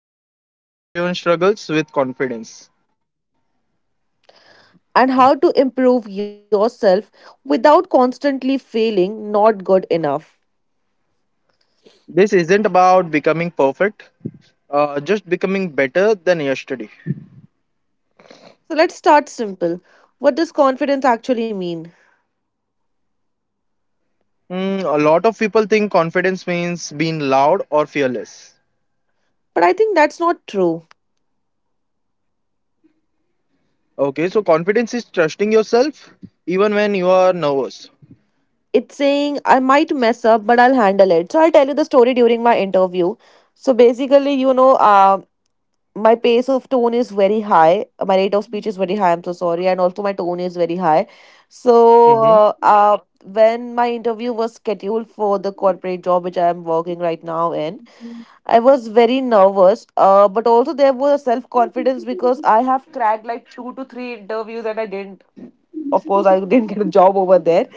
something almost everyone struggles with confidence. And how to improve yourself without constantly feeling not good enough. This isn't about becoming perfect, just becoming better than yesterday. So, let's start simple. What does confidence actually mean? Mm, a lot of people think confidence means being loud or fearless. But I think that's not true. Okay, so confidence is trusting yourself even when you are nervous. It's saying I might mess up, but I'll handle it. So I'll tell you the story during my interview. So basically, my pace of tone is very high. My rate of speech is very high. I'm so sorry, and also my tone is very high. So uh, uh, Mm-hmm, when my interview was scheduled for the corporate job which I'm working right now in, I was very nervous. But also there was a self confidence because I have cracked like two to three interviews and I didn't. Of course, I didn't get a job over there,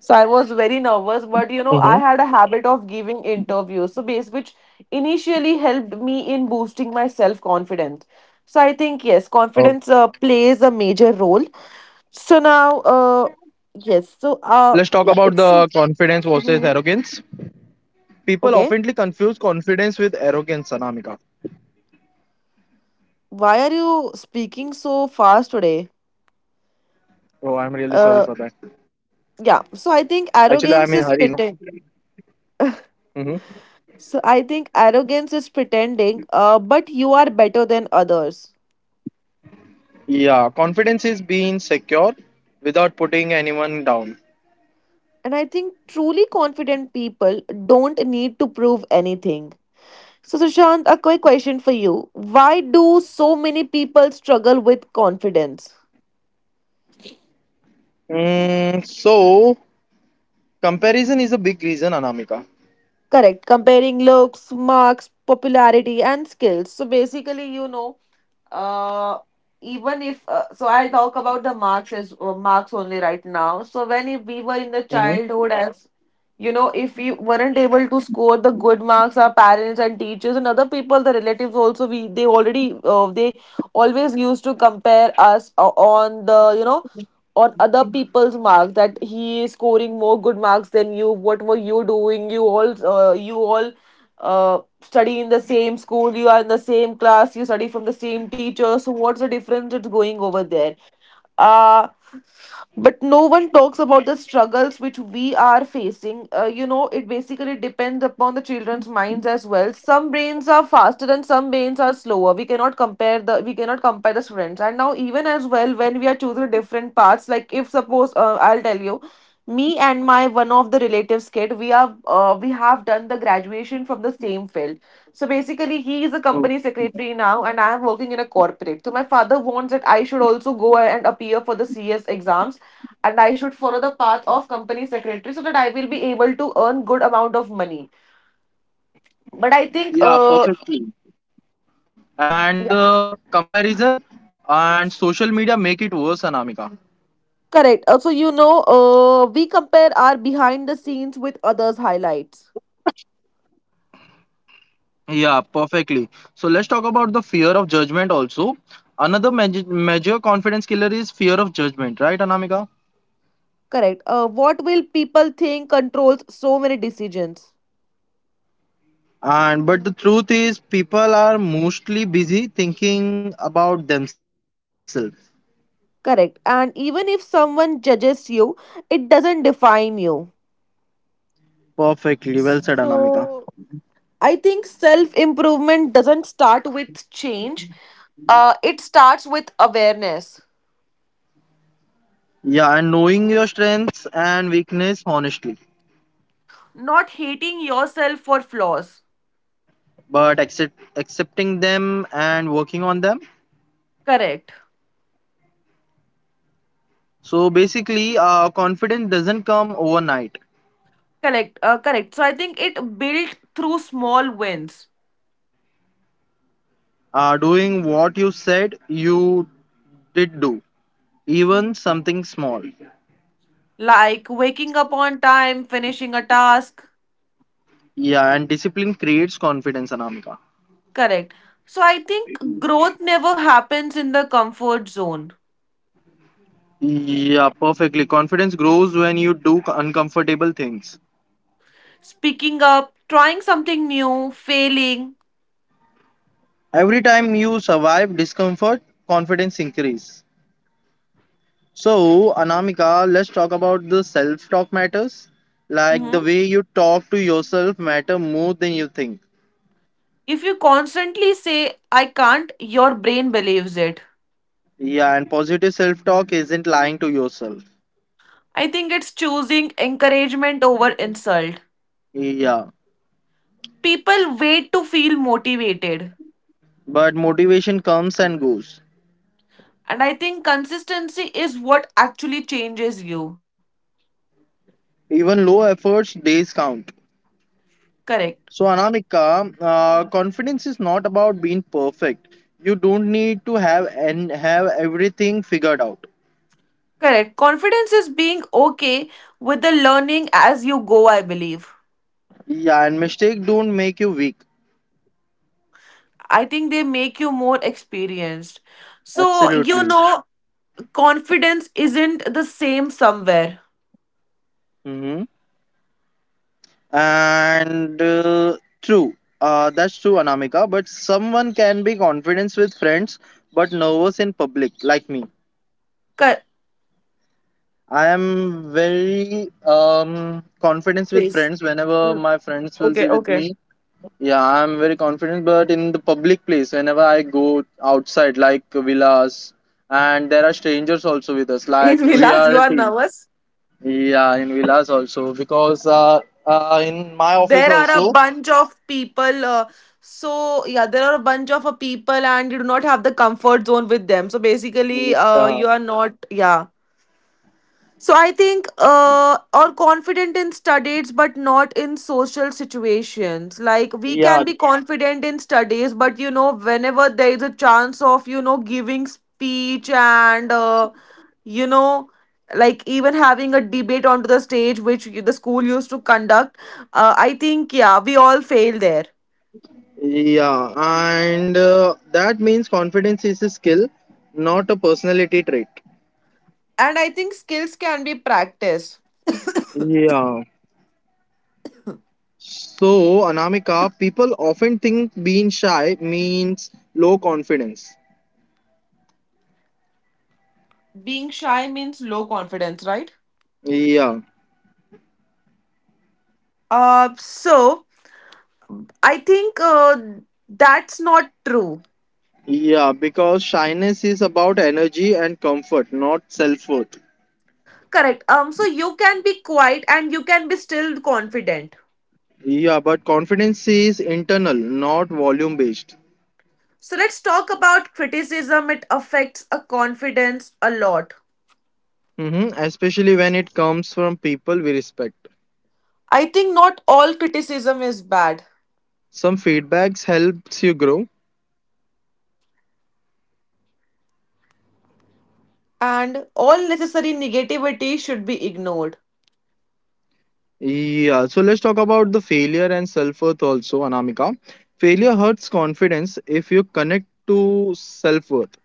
so I was very nervous, mm-hmm. but you know, I had a habit of giving interviews, so base which initially helped me in boosting my self confidence. So I think yes, Oh. confidence plays a major role. So now, yes, so Let's talk Yeah, about it's the confidence versus Mhm. arrogance. People Okay. oftenly confuse confidence with arrogance, Anamika. Why are you speaking so fast today? Oh, I'm really sorry Uh, for that. yeah. So I think Actually, I'm in a arrogance is hurry, no? pretend. Hmm. So I think arrogance is pretending. But you are better than others. Yeah, confidence is being secure without putting anyone down. And I think truly confident people don't need to prove anything. So, Sushant, a quick question for you. Why do so many people struggle with confidence? Mm, so, comparison is a big reason, Anamika. Correct. Comparing looks, marks, popularity, and skills. So, basically, uh, even if so I'll talk about the marks as marks only right now. So when if we were in the Hmm. childhood, as you know, if we weren't able to score the good marks, our parents and teachers and other people, the relatives also, we they already, they always used to compare us on the, you know, on other people's marks, that he is scoring more good marks than you. What were you doing? You all, you all study in the same school, you are in the same class, you study from the same teacher, so what's the difference that's going over there? uh but no one talks about the struggles which we are facing. You know, it basically depends upon the children's minds as well. Some brains are faster and some brains are slower. We cannot compare the, we cannot compare the students. And now even as well, when we are choosing different paths, like if suppose, I'll tell you, me and my one of the relatives kid, we have we have done the graduation from the same field. So basically, he is a Oh, company secretary now, and I am working in a corporate. So my father wants that I should also go and appear for the CS exams, and I should follow the path of company secretary so that I will be able to earn good amount of money. But I think, yeah, perfectly. And yeah, the comparison and social media make it worse, Anamika. correct. Also, you know, we compare our behind the scenes with others' highlights. Yeah, perfectly. So, let's talk about the fear of judgment also. Another major, major confidence killer is fear of judgment, right, Anamika? Correct. What will people think controls so many decisions? And but the truth is, people are mostly busy thinking about themselves. Correct. And even if someone judges you, it doesn't define you. Perfectly well said, Anamika. So I think self improvement doesn't start with change. It starts with awareness, Yeah, and knowing your strengths and weakness honestly, not hating yourself for flaws. but accepting them and working on them. Correct. So basically, confidence doesn't come overnight. Correct. Correct. So I think it built through small wins, Doing what you said you did do, even something small. like waking up on time, finishing a task. Yeah, and discipline creates confidence, Anamika. Correct. So I think growth never happens in the comfort zone. Yeah, perfectly. Confidence grows when you do uncomfortable things. Speaking up, trying something new, failing. Every time you survive discomfort, confidence increase. So, Anamika, let's talk about the self-talk matters. Like the Mhm. way you talk to yourself matter more than you think. If you constantly say, I can't, your brain believes it. Yeah, and positive self-talk isn't lying to yourself. I think it's choosing encouragement over insult. Yeah, People wait to feel motivated. but motivation comes and goes. And I think consistency is what actually changes you. Even low efforts days count. Correct. So, Anamika, confidence is not about being perfect. You don't need to have and have everything figured out. Correct. Confidence is being okay with the learning as you go, I believe. Yeah, and mistake don't make you weak. I think they make you more experienced. So, you Absolutely. know, confidence isn't the same somewhere. Mhm. And uh, true, that's true, Anamika. But someone can be confident with friends, but nervous in public, like me. Cor- I am very confident with Please. friends. Whenever Mm. my friends will be Okay, with okay. me, yeah, I'm very confident. But in the public place, whenever I go outside, like villas, and there are strangers also with us, In like we Vilas, are you a are team. nervous. Yeah, in villas also because in my office There are a also. bunch of people. So yeah, there are a bunch of people, and you do not have the comfort zone with them. So basically, you Uh, are not. Yeah, so I think or confident in studies but not in social situations. Like we yeah, can be Yeah. confident in studies, but you know, whenever there is a chance of, you know, giving speech and you know, like even having a debate onto the stage which the school used to conduct, I think yeah, we all fail there. Yeah, and that means confidence is a skill, not a personality trait. And I think skills can be practiced. Yeah. So, Anamika, people often think being shy means low confidence. Being shy means low confidence, right? Yeah. uh so I think that's not true. Yeah, because shyness is about energy and comfort, not self worth. Correct. So you can be quiet and you can be still confident. Yeah, but confidence is internal, not volume based. So let's talk about criticism. It affects a confidence a lot. Mm-hmm. Especially when it comes from people we respect. I think not all criticism is bad, Some feedbacks helps you grow. and all necessary negativity should be ignored. Yeah, so let's talk about the failure and self worth also, Anamika. Failure hurts confidence if you connect to self worth.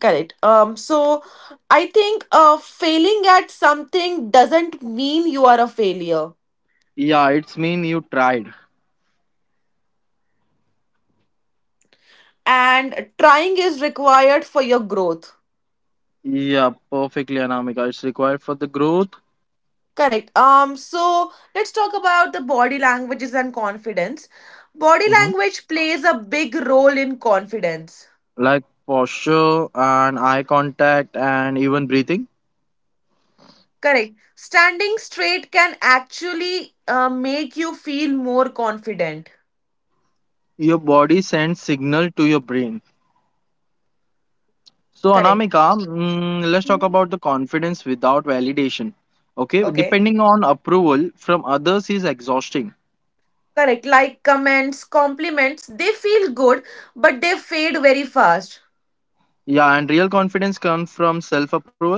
Correct. So I think failing at something doesn't mean you are a failure, Yeah, it's mean you tried. and trying is required for your growth. Yeah, perfectly, Anamika. It's required for the growth. Correct. So let's talk about the body languages and confidence. Body Hmm. language plays a big role in confidence. Like posture and eye contact and even breathing. Correct. Standing straight can actually make you feel more confident. Your body sends signal to your brain. So, Correct. Anamika, mm, let's talk about the confidence without validation. Okay, Okay. depending on approval from others is exhausting. Correct. Like comments, compliments, they feel good, but they fade very fast. Yeah, and real confidence comes from self approval.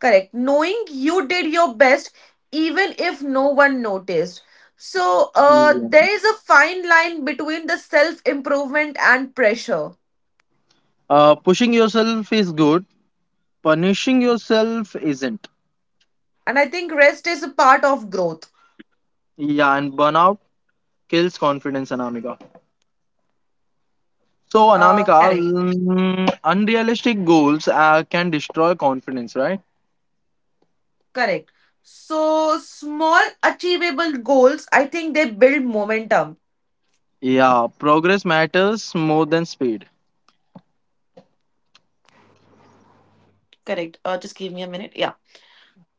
Correct. Knowing you did your best, even if no one noticed. So, Yeah. There is a fine line between the self improvement and pressure. Pushing yourself is good, punishing yourself isn't. And I think rest is a part of growth. Yeah, and burnout kills confidence, Anamika. So, Anamika, Correct. mm, unrealistic goals can destroy confidence, right? Correct. So, small achievable goals, I think they build momentum. Yeah, progress matters more than speed. Correct. Just give me a minute. Yeah.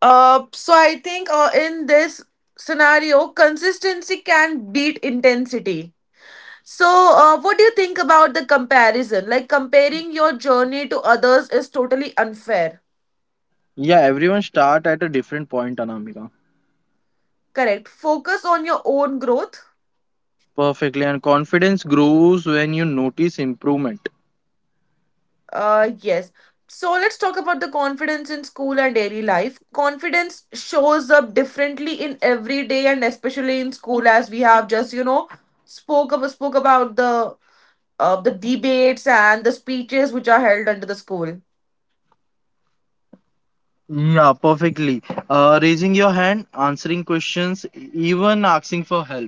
So, I think in this scenario, consistency can beat intensity. So, what do you think about the comparison? Like, comparing your journey to others is totally unfair. Yeah, everyone start at a different point, Anamika. Correct. Focus on your own growth. Perfectly, and confidence grows when you notice improvement. Yes. So, let's talk about the confidence in school and daily life. Confidence shows up differently in every day and especially in school, as we have just, you know, spoke about the debates and the speeches which are held under the school. Yeah, perfectly. Raising your hand, answering questions, even asking for help.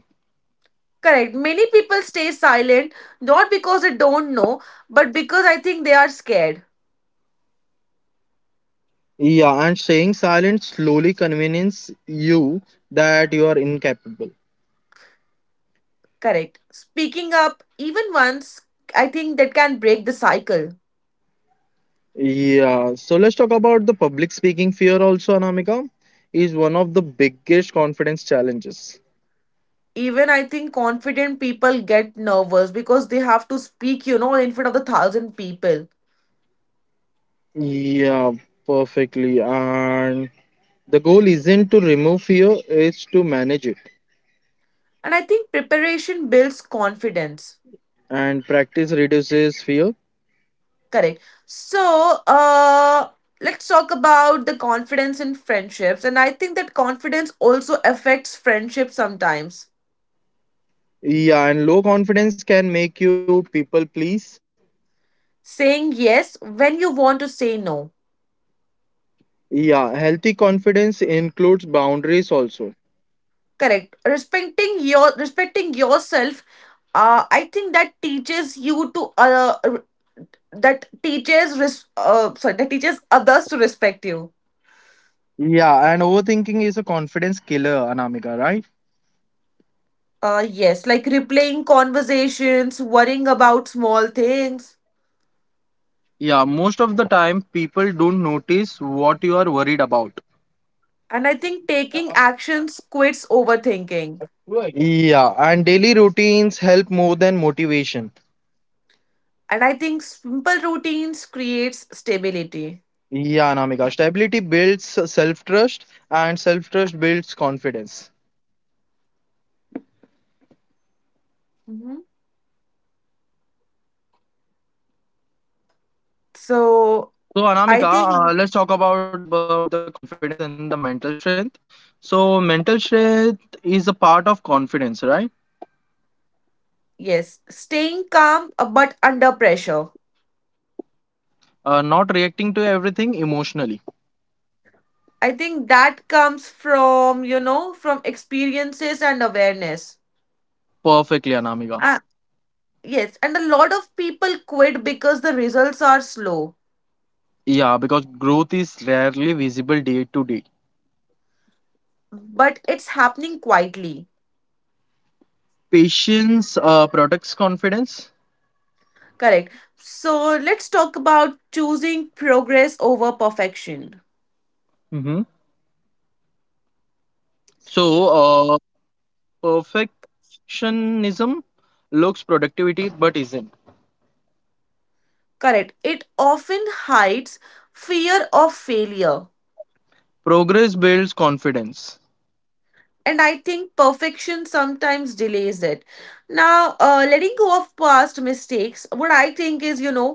Correct. Many people stay silent, not because they don't know, but because I think they are scared. Yeah, and staying silent slowly convinces you that you are incapable. Correct. Speaking up even once, I think that can break the cycle. Yeah, so let's talk about the public speaking fear also, Anamika, is one of the biggest confidence challenges. Even I think confident people get nervous because they have to speak, you know, in front of the thousand people. Yeah, perfectly. And the goal isn't to remove fear, it's to manage it. And I think preparation builds confidence. And practice reduces fear. Correct. So, uh, let's talk about the confidence in friendships. And I think that confidence also affects friendships sometimes, Yeah, and low confidence can make you people please. saying yes when you want to say no. Yeah, healthy confidence includes boundaries also. Correct, respecting yourself. I think that teaches you to r- that teaches res- sorry that teaches others to respect you. Yeah, and overthinking is a confidence killer, Anamika, right? Yes, like replaying conversations, worrying about small things. Yeah, most of the time people don't notice what you are worried about. And I think taking actions quits overthinking. Right. Yeah, and daily routines help more than motivation. And I think simple routines creates stability. Yeah, Anamika. Stability builds self trust, and self trust builds confidence. Mhm. So So I Anamika, think let's talk about the confidence and the mental strength. So mental strength is a part of confidence, right? yes, staying calm but under pressure. Not reacting to everything emotionally. I think that comes from, you know, from experiences and awareness. Perfectly, Anamika. Ah, yes, and a lot of people quit because the results are slow, Yeah, because growth is rarely visible day to day. but it's happening quietly. Patience protects confidence. Correct. So let's talk about choosing progress over perfection. Mm-hmm. So, uh, perfectionism looks productivity but isn't. Correct. It often hides fear of failure, Progress builds confidence. and I think perfection sometimes delays it. Now, letting go of past mistakes, what I think is, you know,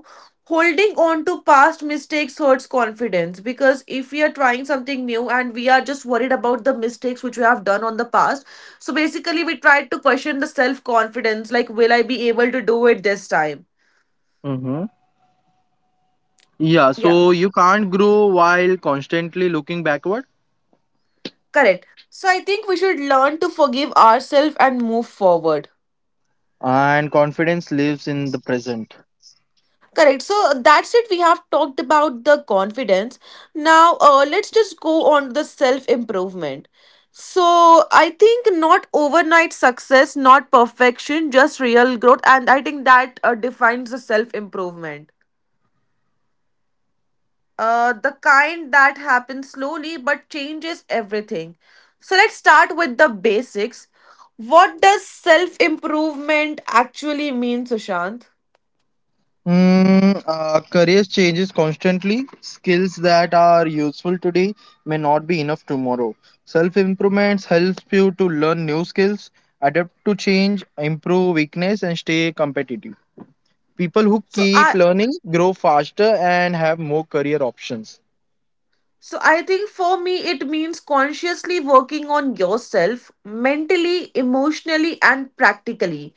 holding on to past mistakes hurts confidence, because if we are trying something new and we are just worried about the mistakes which we have done on the past, so basically we try to question the self confidence, like will I be able to do it this time? Mm-hmm. Yeah, Yeah, so you can't grow while constantly looking backward, correct. So I think we should learn to forgive ourselves and move forward. and confidence lives in the present. Correct. So that's it. We have talked about the confidence. Now, let's just go on the self improvement. So, I think not overnight success, not perfection, just real growth. And I think that defines the self improvement. The kind that happens slowly but changes everything. So, let's start with the basics. What does self improvement actually mean, Sushant? Mm, careers changes constantly. Skills that are useful today may not be enough tomorrow. Self improvements helps you to learn new skills, adapt to change, improve weakness, and stay competitive. People who So, keep I, learning grow faster and have more career options. So I think for me, it means consciously working on yourself mentally, emotionally, and practically.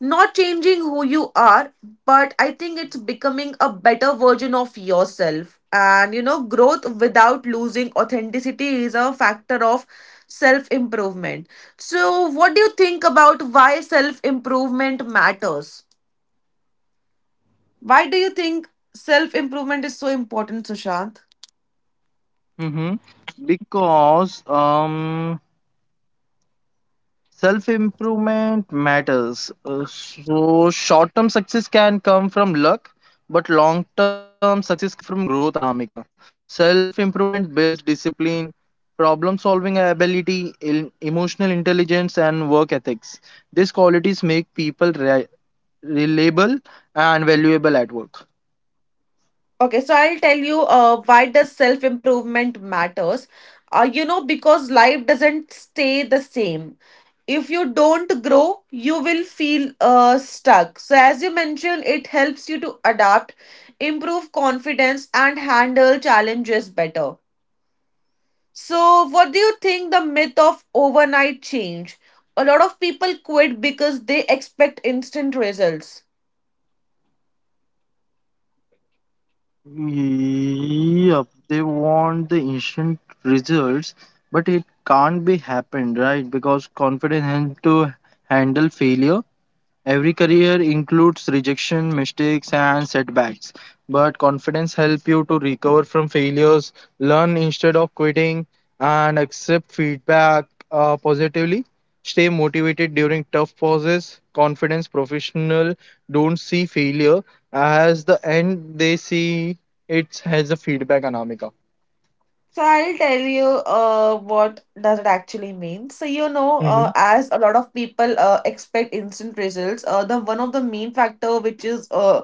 Not changing who you are, but I think it's becoming a better version of yourself. And you know, growth without losing authenticity is a factor of self improvement. So, what do you think about why self improvement matters? Why do you think self improvement is so important, Sushant? Mm-hmm. Because self improvement matters. So, short term success can come from luck, but long term success comes from growth, Anamika. Self improvement builds discipline, problem solving ability, emotional intelligence, and work ethics. These qualities make people reliable and valuable at work. Okay, so I'll tell you why does self improvement matters. You know, because life doesn't stay the same. If you don't grow, you will feel stuck. So, as you mentioned, it helps you to adapt, improve confidence, and handle challenges better. So, what do you think the myth of overnight change? A lot of people quit because they expect instant results. Yep, they want the instant results, but it can't be happened, right? Because confidence has to handle failure. Every career includes rejection, mistakes, and setbacks, but confidence helps you to recover from failures, learn instead of quitting, and accept feedback positively. Stay motivated during tough pauses. Confidence professional don't see failure as the end; they see it as a feedback, Anamika. So I'll tell you what does it actually mean. Mm-hmm. As a lot of people expect instant results, the one of the main factor which is uh,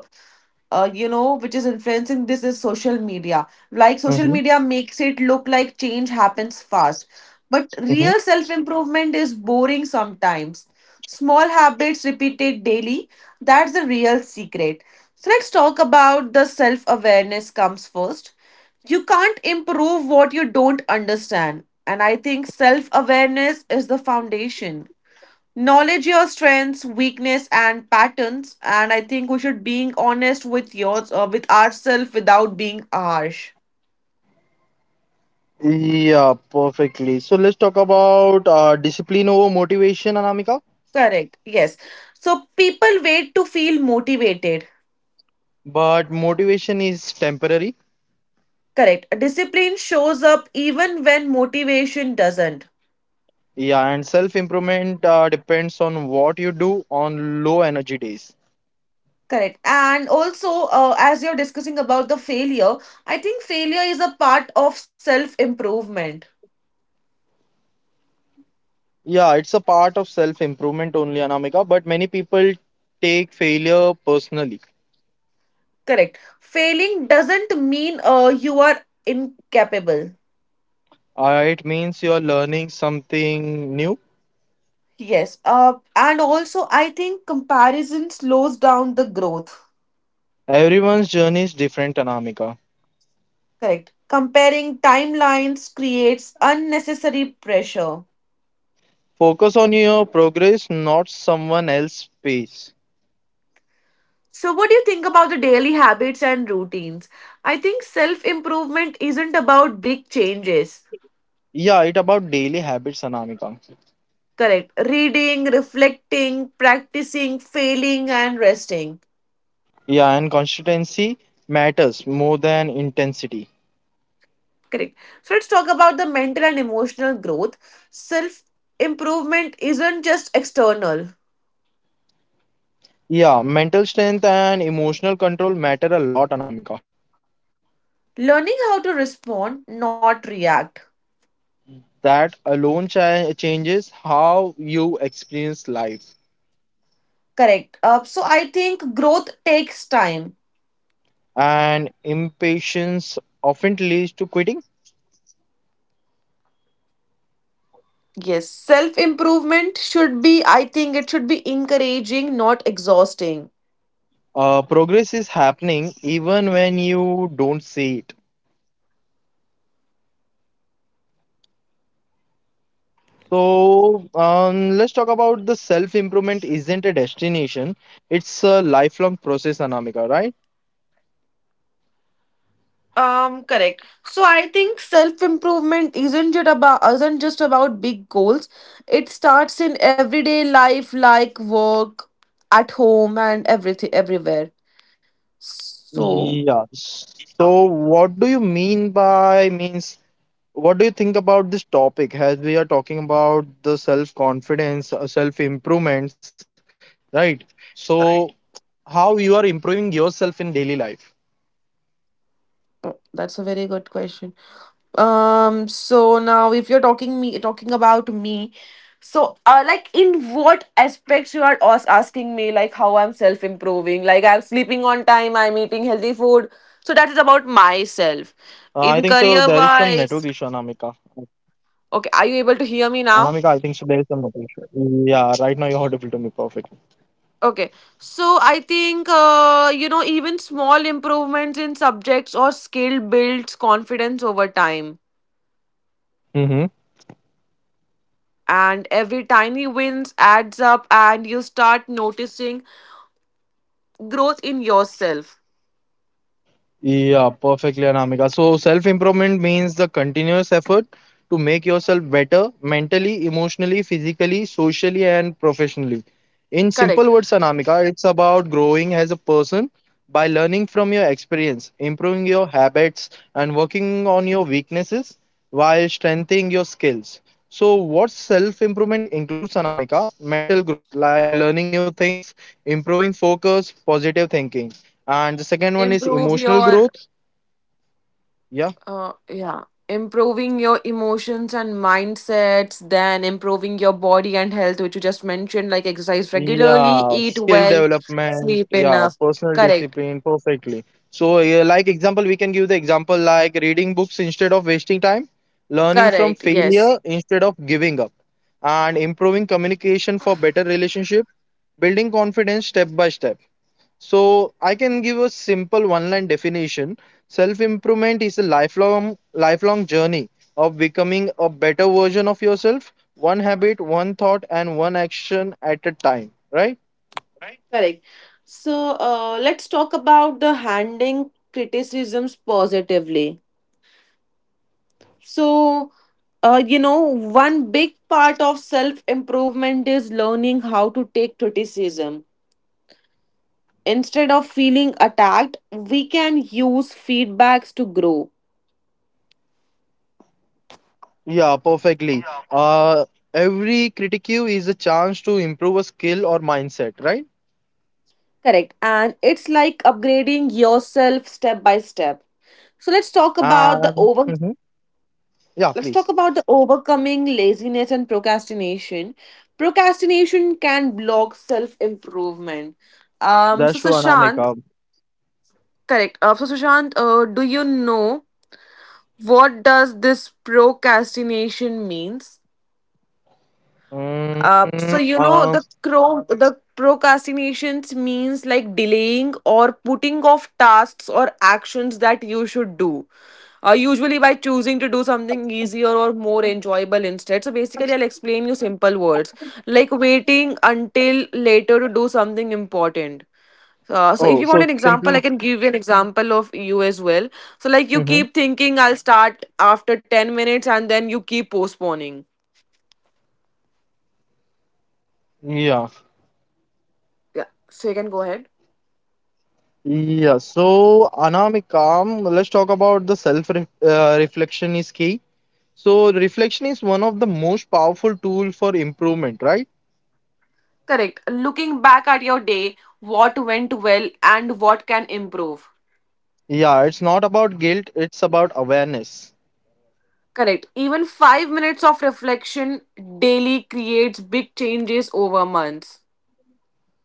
uh, you know, which is influencing this is social media. Like social Mm-hmm. media makes it look like change happens fast. But Mm-hmm. real self improvement is boring sometimes. Small habits repeated daily, that's the real secret. So let's talk about the self awareness comes first. You can't improve what you don't understand. And I think self awareness is the foundation. Knowledge your strengths, weakness, and patterns, and I think we should being honest with yours with ourselves without being harsh. Yeah, perfectly. So let's talk about discipline over motivation, Anamika. Correct. Yes. So people wait to feel motivated. But motivation is temporary. Correct. Discipline shows up even when motivation doesn't. Yeah and self improvement depends on what you do on low energy days. Correct. And also, as you're discussing about the failure, I think failure is a part of self improvement. Yeah, it's a part of self improvement only, Anamika, but many people take failure personally. Correct. Failing doesn't mean you are incapable. It means you are learning something new. Yes. And also, I think comparison slows down the growth. Everyone's journey is different, Anamika. Correct. Comparing timelines creates unnecessary pressure. Focus on your progress, not someone else's pace. So, what do you think about the daily habits and routines? I think self improvement isn't about big changes. Yeah, it about daily habits, Anamika. Correct. Reading, reflecting, practicing, failing, and resting. Yeah, and consistency matters more than intensity. Correct. So, let's talk about the mental and emotional growth. Self improvement isn't just external, Yeah, mental strength and emotional control matter a lot, Anamika. learning how to respond not react. That alone changes how you experience life. Correct. So I think growth takes time. And impatience often leads to quitting. Yes, self improvement should be, I think it should be encouraging not exhausting. Progress is happening even when you don't see it. So, let's talk about the self improvement isn't a destination, it's a lifelong process, Anamika, right? Um, correct. So I think self improvement isn't just about, isn't just about big goals. It starts in everyday life like work at home and everything everywhere. So Yeah. What do you think about this topic as we are talking about the self confidence, self improvements, right? So, how you are improving yourself in daily life? that's a very good question. So now if you're talking about me, so like in what aspects you are asking me like how I'm self-improving, like I'm sleeping on time, I'm eating healthy food. So that is about I think so. myself. There is some In network issue, career Anamika. wise, okay, are you able to Anamika, I hear think me so. There is now? some network issue. Yeah, right now you're audible to me perfectly. Okay, so I think even small improvements in subjects or skill builds confidence over time, Mhm. and every tiny wins adds up, and you start noticing growth in yourself. Yeah, perfectly, Anamika. So, self improvement means the continuous effort to make yourself better mentally, emotionally, physically, socially, and professionally. In Correct. simple words, Anamika, it's about growing as a person by learning from your experience, improving your habits, and working on your weaknesses while strengthening your skills. So, what self improvement includes, Anamika? Mental growth, like learning new things, improving focus, positive thinking, and the second one is Improve emotional your growth. Yeah. uh, yeah, improving your emotions and mindsets, then improving your body and health which you just mentioned like exercise regularly, Yeah, eat skill well, development, sleep yeah, enough. personal Correct. discipline, perfectly. So, yeah, like example, we can give the example like reading books instead of wasting time, learning Correct. from Yes. failure instead of giving up, and improving communication for better relationship, building confidence step by step. So I can give a simple one-line definition. Self-improvement is a lifelong journey of becoming a better version of yourself, one habit, one thought, and one action at a time. Right? Correct. So let's talk about the handling criticisms positively. So, uh, you know, one big part of self improvement is learning how to take criticism. Instead of feeling attacked, we can use feedbacks to grow. Yeah, perfectly. Uh, every critique is a chance to improve a skill or mindset. Right? Correct. And it's like upgrading yourself step by step. So let's talk about the And over mhm, yeah, let's talk please. about the overcoming laziness and procrastination. Procrastination can block self-improvement. So That's true, Sushant, Anamika. correct. So Sushant, do you know what does this procrastination means? Mm, So you know the uh, the procrastinations means like delaying or putting off tasks or actions that you should do. Usually by choosing to do something easier or more enjoyable instead. So basically, I'll explain you simple words like waiting until later to do something important. So if you want an oh, so example, I can simply. give you an example of you as well. So like you keep Mhm. thinking I'll start after 10 minutes and then you keep postponing. Yeah. Yeah. So you can go ahead. Yeah, so Anamikam, let's talk about the self ref reflection is key. So reflection is one of the most powerful tool for improvement, right? Correct. Looking back at your day, what went well and what can improve. Yeah, it's not about guilt, it's about awareness. Correct. Even 5 minutes of reflection daily creates big changes over months.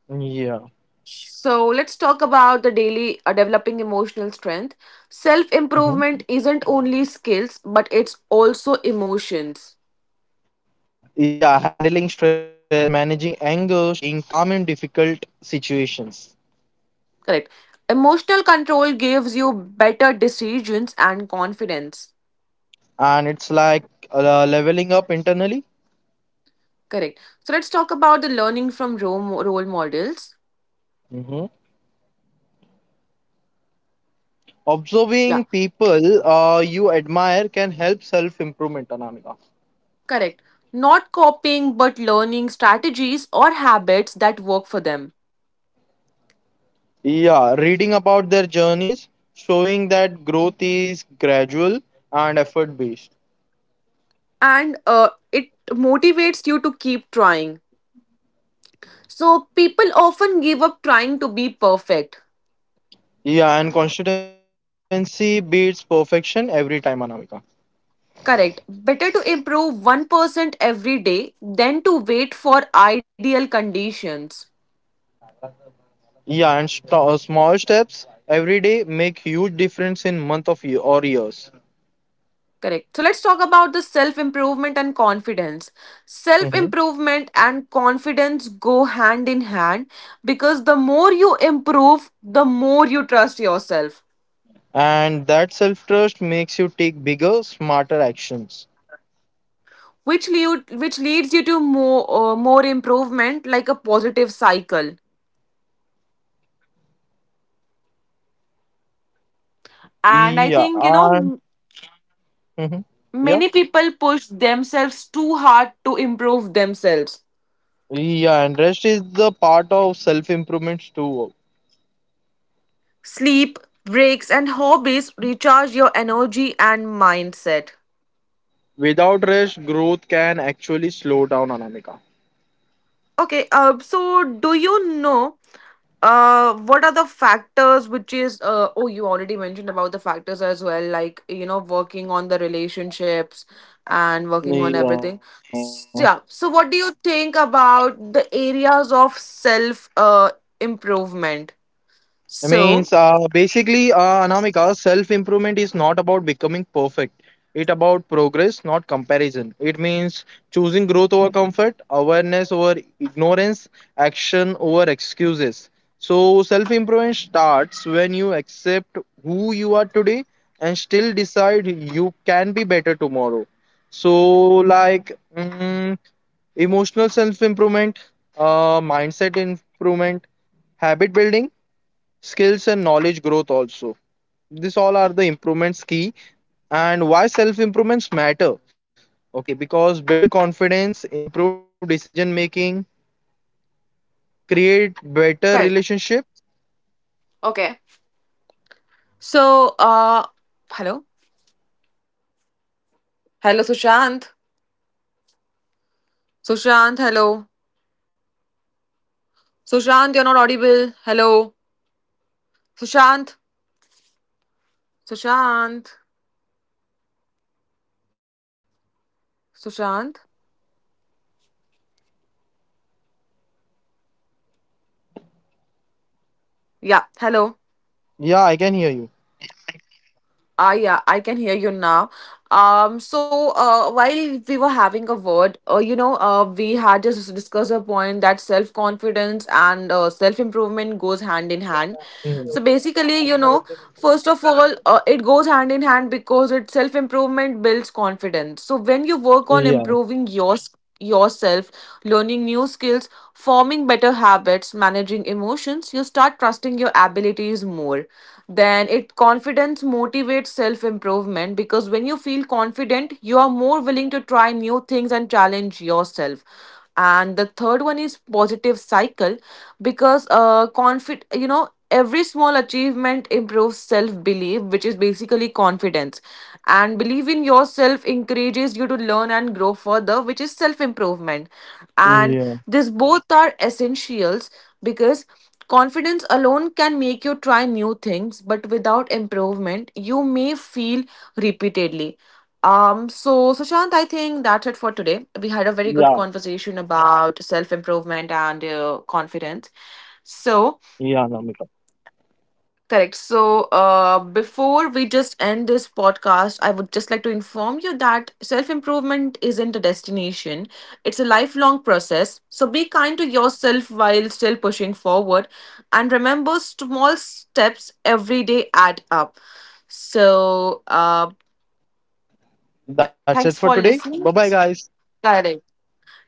Yeah. So let's talk about the daily developing emotional strength. Self improvement Mhm. isn't only skills, but it's also emotions. Yeah, handling stress, managing anger, staying calm in difficult situations. Correct. Emotional control gives you better decisions and confidence. And it's like leveling up internally. Correct. So let's talk about the learning from role models. Mhm. Yeah. Observing people you admire can help self-improvement, Anamika. Correct. Not copying, but learning strategies or habits that work for them. Yeah, reading about their journeys, showing that growth is gradual and effort based. And it motivates you to keep trying. So, people often give up trying to be perfect. Yeah, and consistency beats perfection every time, Anamika. Correct. Better to improve 1% every day than to wait for ideal conditions. Yeah, and small steps every day make huge difference in month of year or years. Correct. So let's talk about the self improvement and confidence. Self Hmm. improvement and confidence go hand in hand because the more you improve, the more you trust yourself, And that self trust makes you take bigger, smarter actions. Which leads you to more more improvement like a positive cycle. And I Yeah, think you know and mhm, yeah, many people push themselves too hard to improve themselves. yeah, and rest is the part of self improvements too. Sleep, breaks and hobbies recharge your energy and mindset. Without rest, growth can actually slow down, Anamika. Okay, so do you know what are the factors which is, oh, you already mentioned about the factors as well, like, you know, working on the relationships and working on Yeah. everything. Yeah, so what do you think about the areas of self improvement? I means So, Basically, Anamika, self improvement is not about becoming perfect. It about progress, not comparison. It means choosing growth over comfort, awareness over ignorance, action over excuses. So self improvement starts when you accept who you are today and still decide you can be better tomorrow. So like, mm, emotional self improvement, mindset improvement, habit building, skills and knowledge growth also. This all are the improvements key and why self improvements matter. Okay, because build confidence, improve decision making, create better guys, relationship. okay. So, hello? Yeah, Anamika, please go Hello, ahead. I can Sushant? hear you. Sushant, hello? Can you hear me, Anamika? Sushant, you're not audible. Hello? Anamika, are you there? Sushant? Sushant? Anamika, are you there? Sushant? Yeah, hello. Yeah, I can hear you. Ah, yeah, I can hear you now. While we were having a word, we had just discussed a point that self confidence and self improvement goes hand in hand. So Mhm. basically, you know, first of all, it goes hand in hand because it self improvement builds confidence. So when you work on Yeah, improving your yourself, learning new skills, forming better habits, managing emotions, you start trusting your abilities more. Then it confidence motivates self improvement because when you feel confident you are more willing to try new things and challenge yourself, and the third one is positive cycle because confid you know every small achievement improves self belief, which is basically confidence, and belief in yourself encourages you to learn and grow further, which is self improvement. And these yeah, both are essentials because confidence alone can make you try new things, but without improvement, you may feel repeatedly. So Sushant, I think that's it for today. We had a very good conversation yeah, about self improvement and confidence. So, yeah, Anamika, correct. So, before we just end this podcast, I would just like to inform you that self improvement isn't a destination, it's a lifelong process. So, be kind to yourself while still pushing forward. And remember, small steps every day add up. So, that's it thanks for for today. Bye listening. bye, guys. Correct.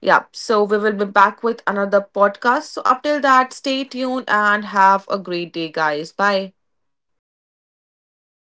Yeah. So, we will be back with another podcast. So, up till that, stay tuned and have a great day, guys. Bye. Yeah, bye bye.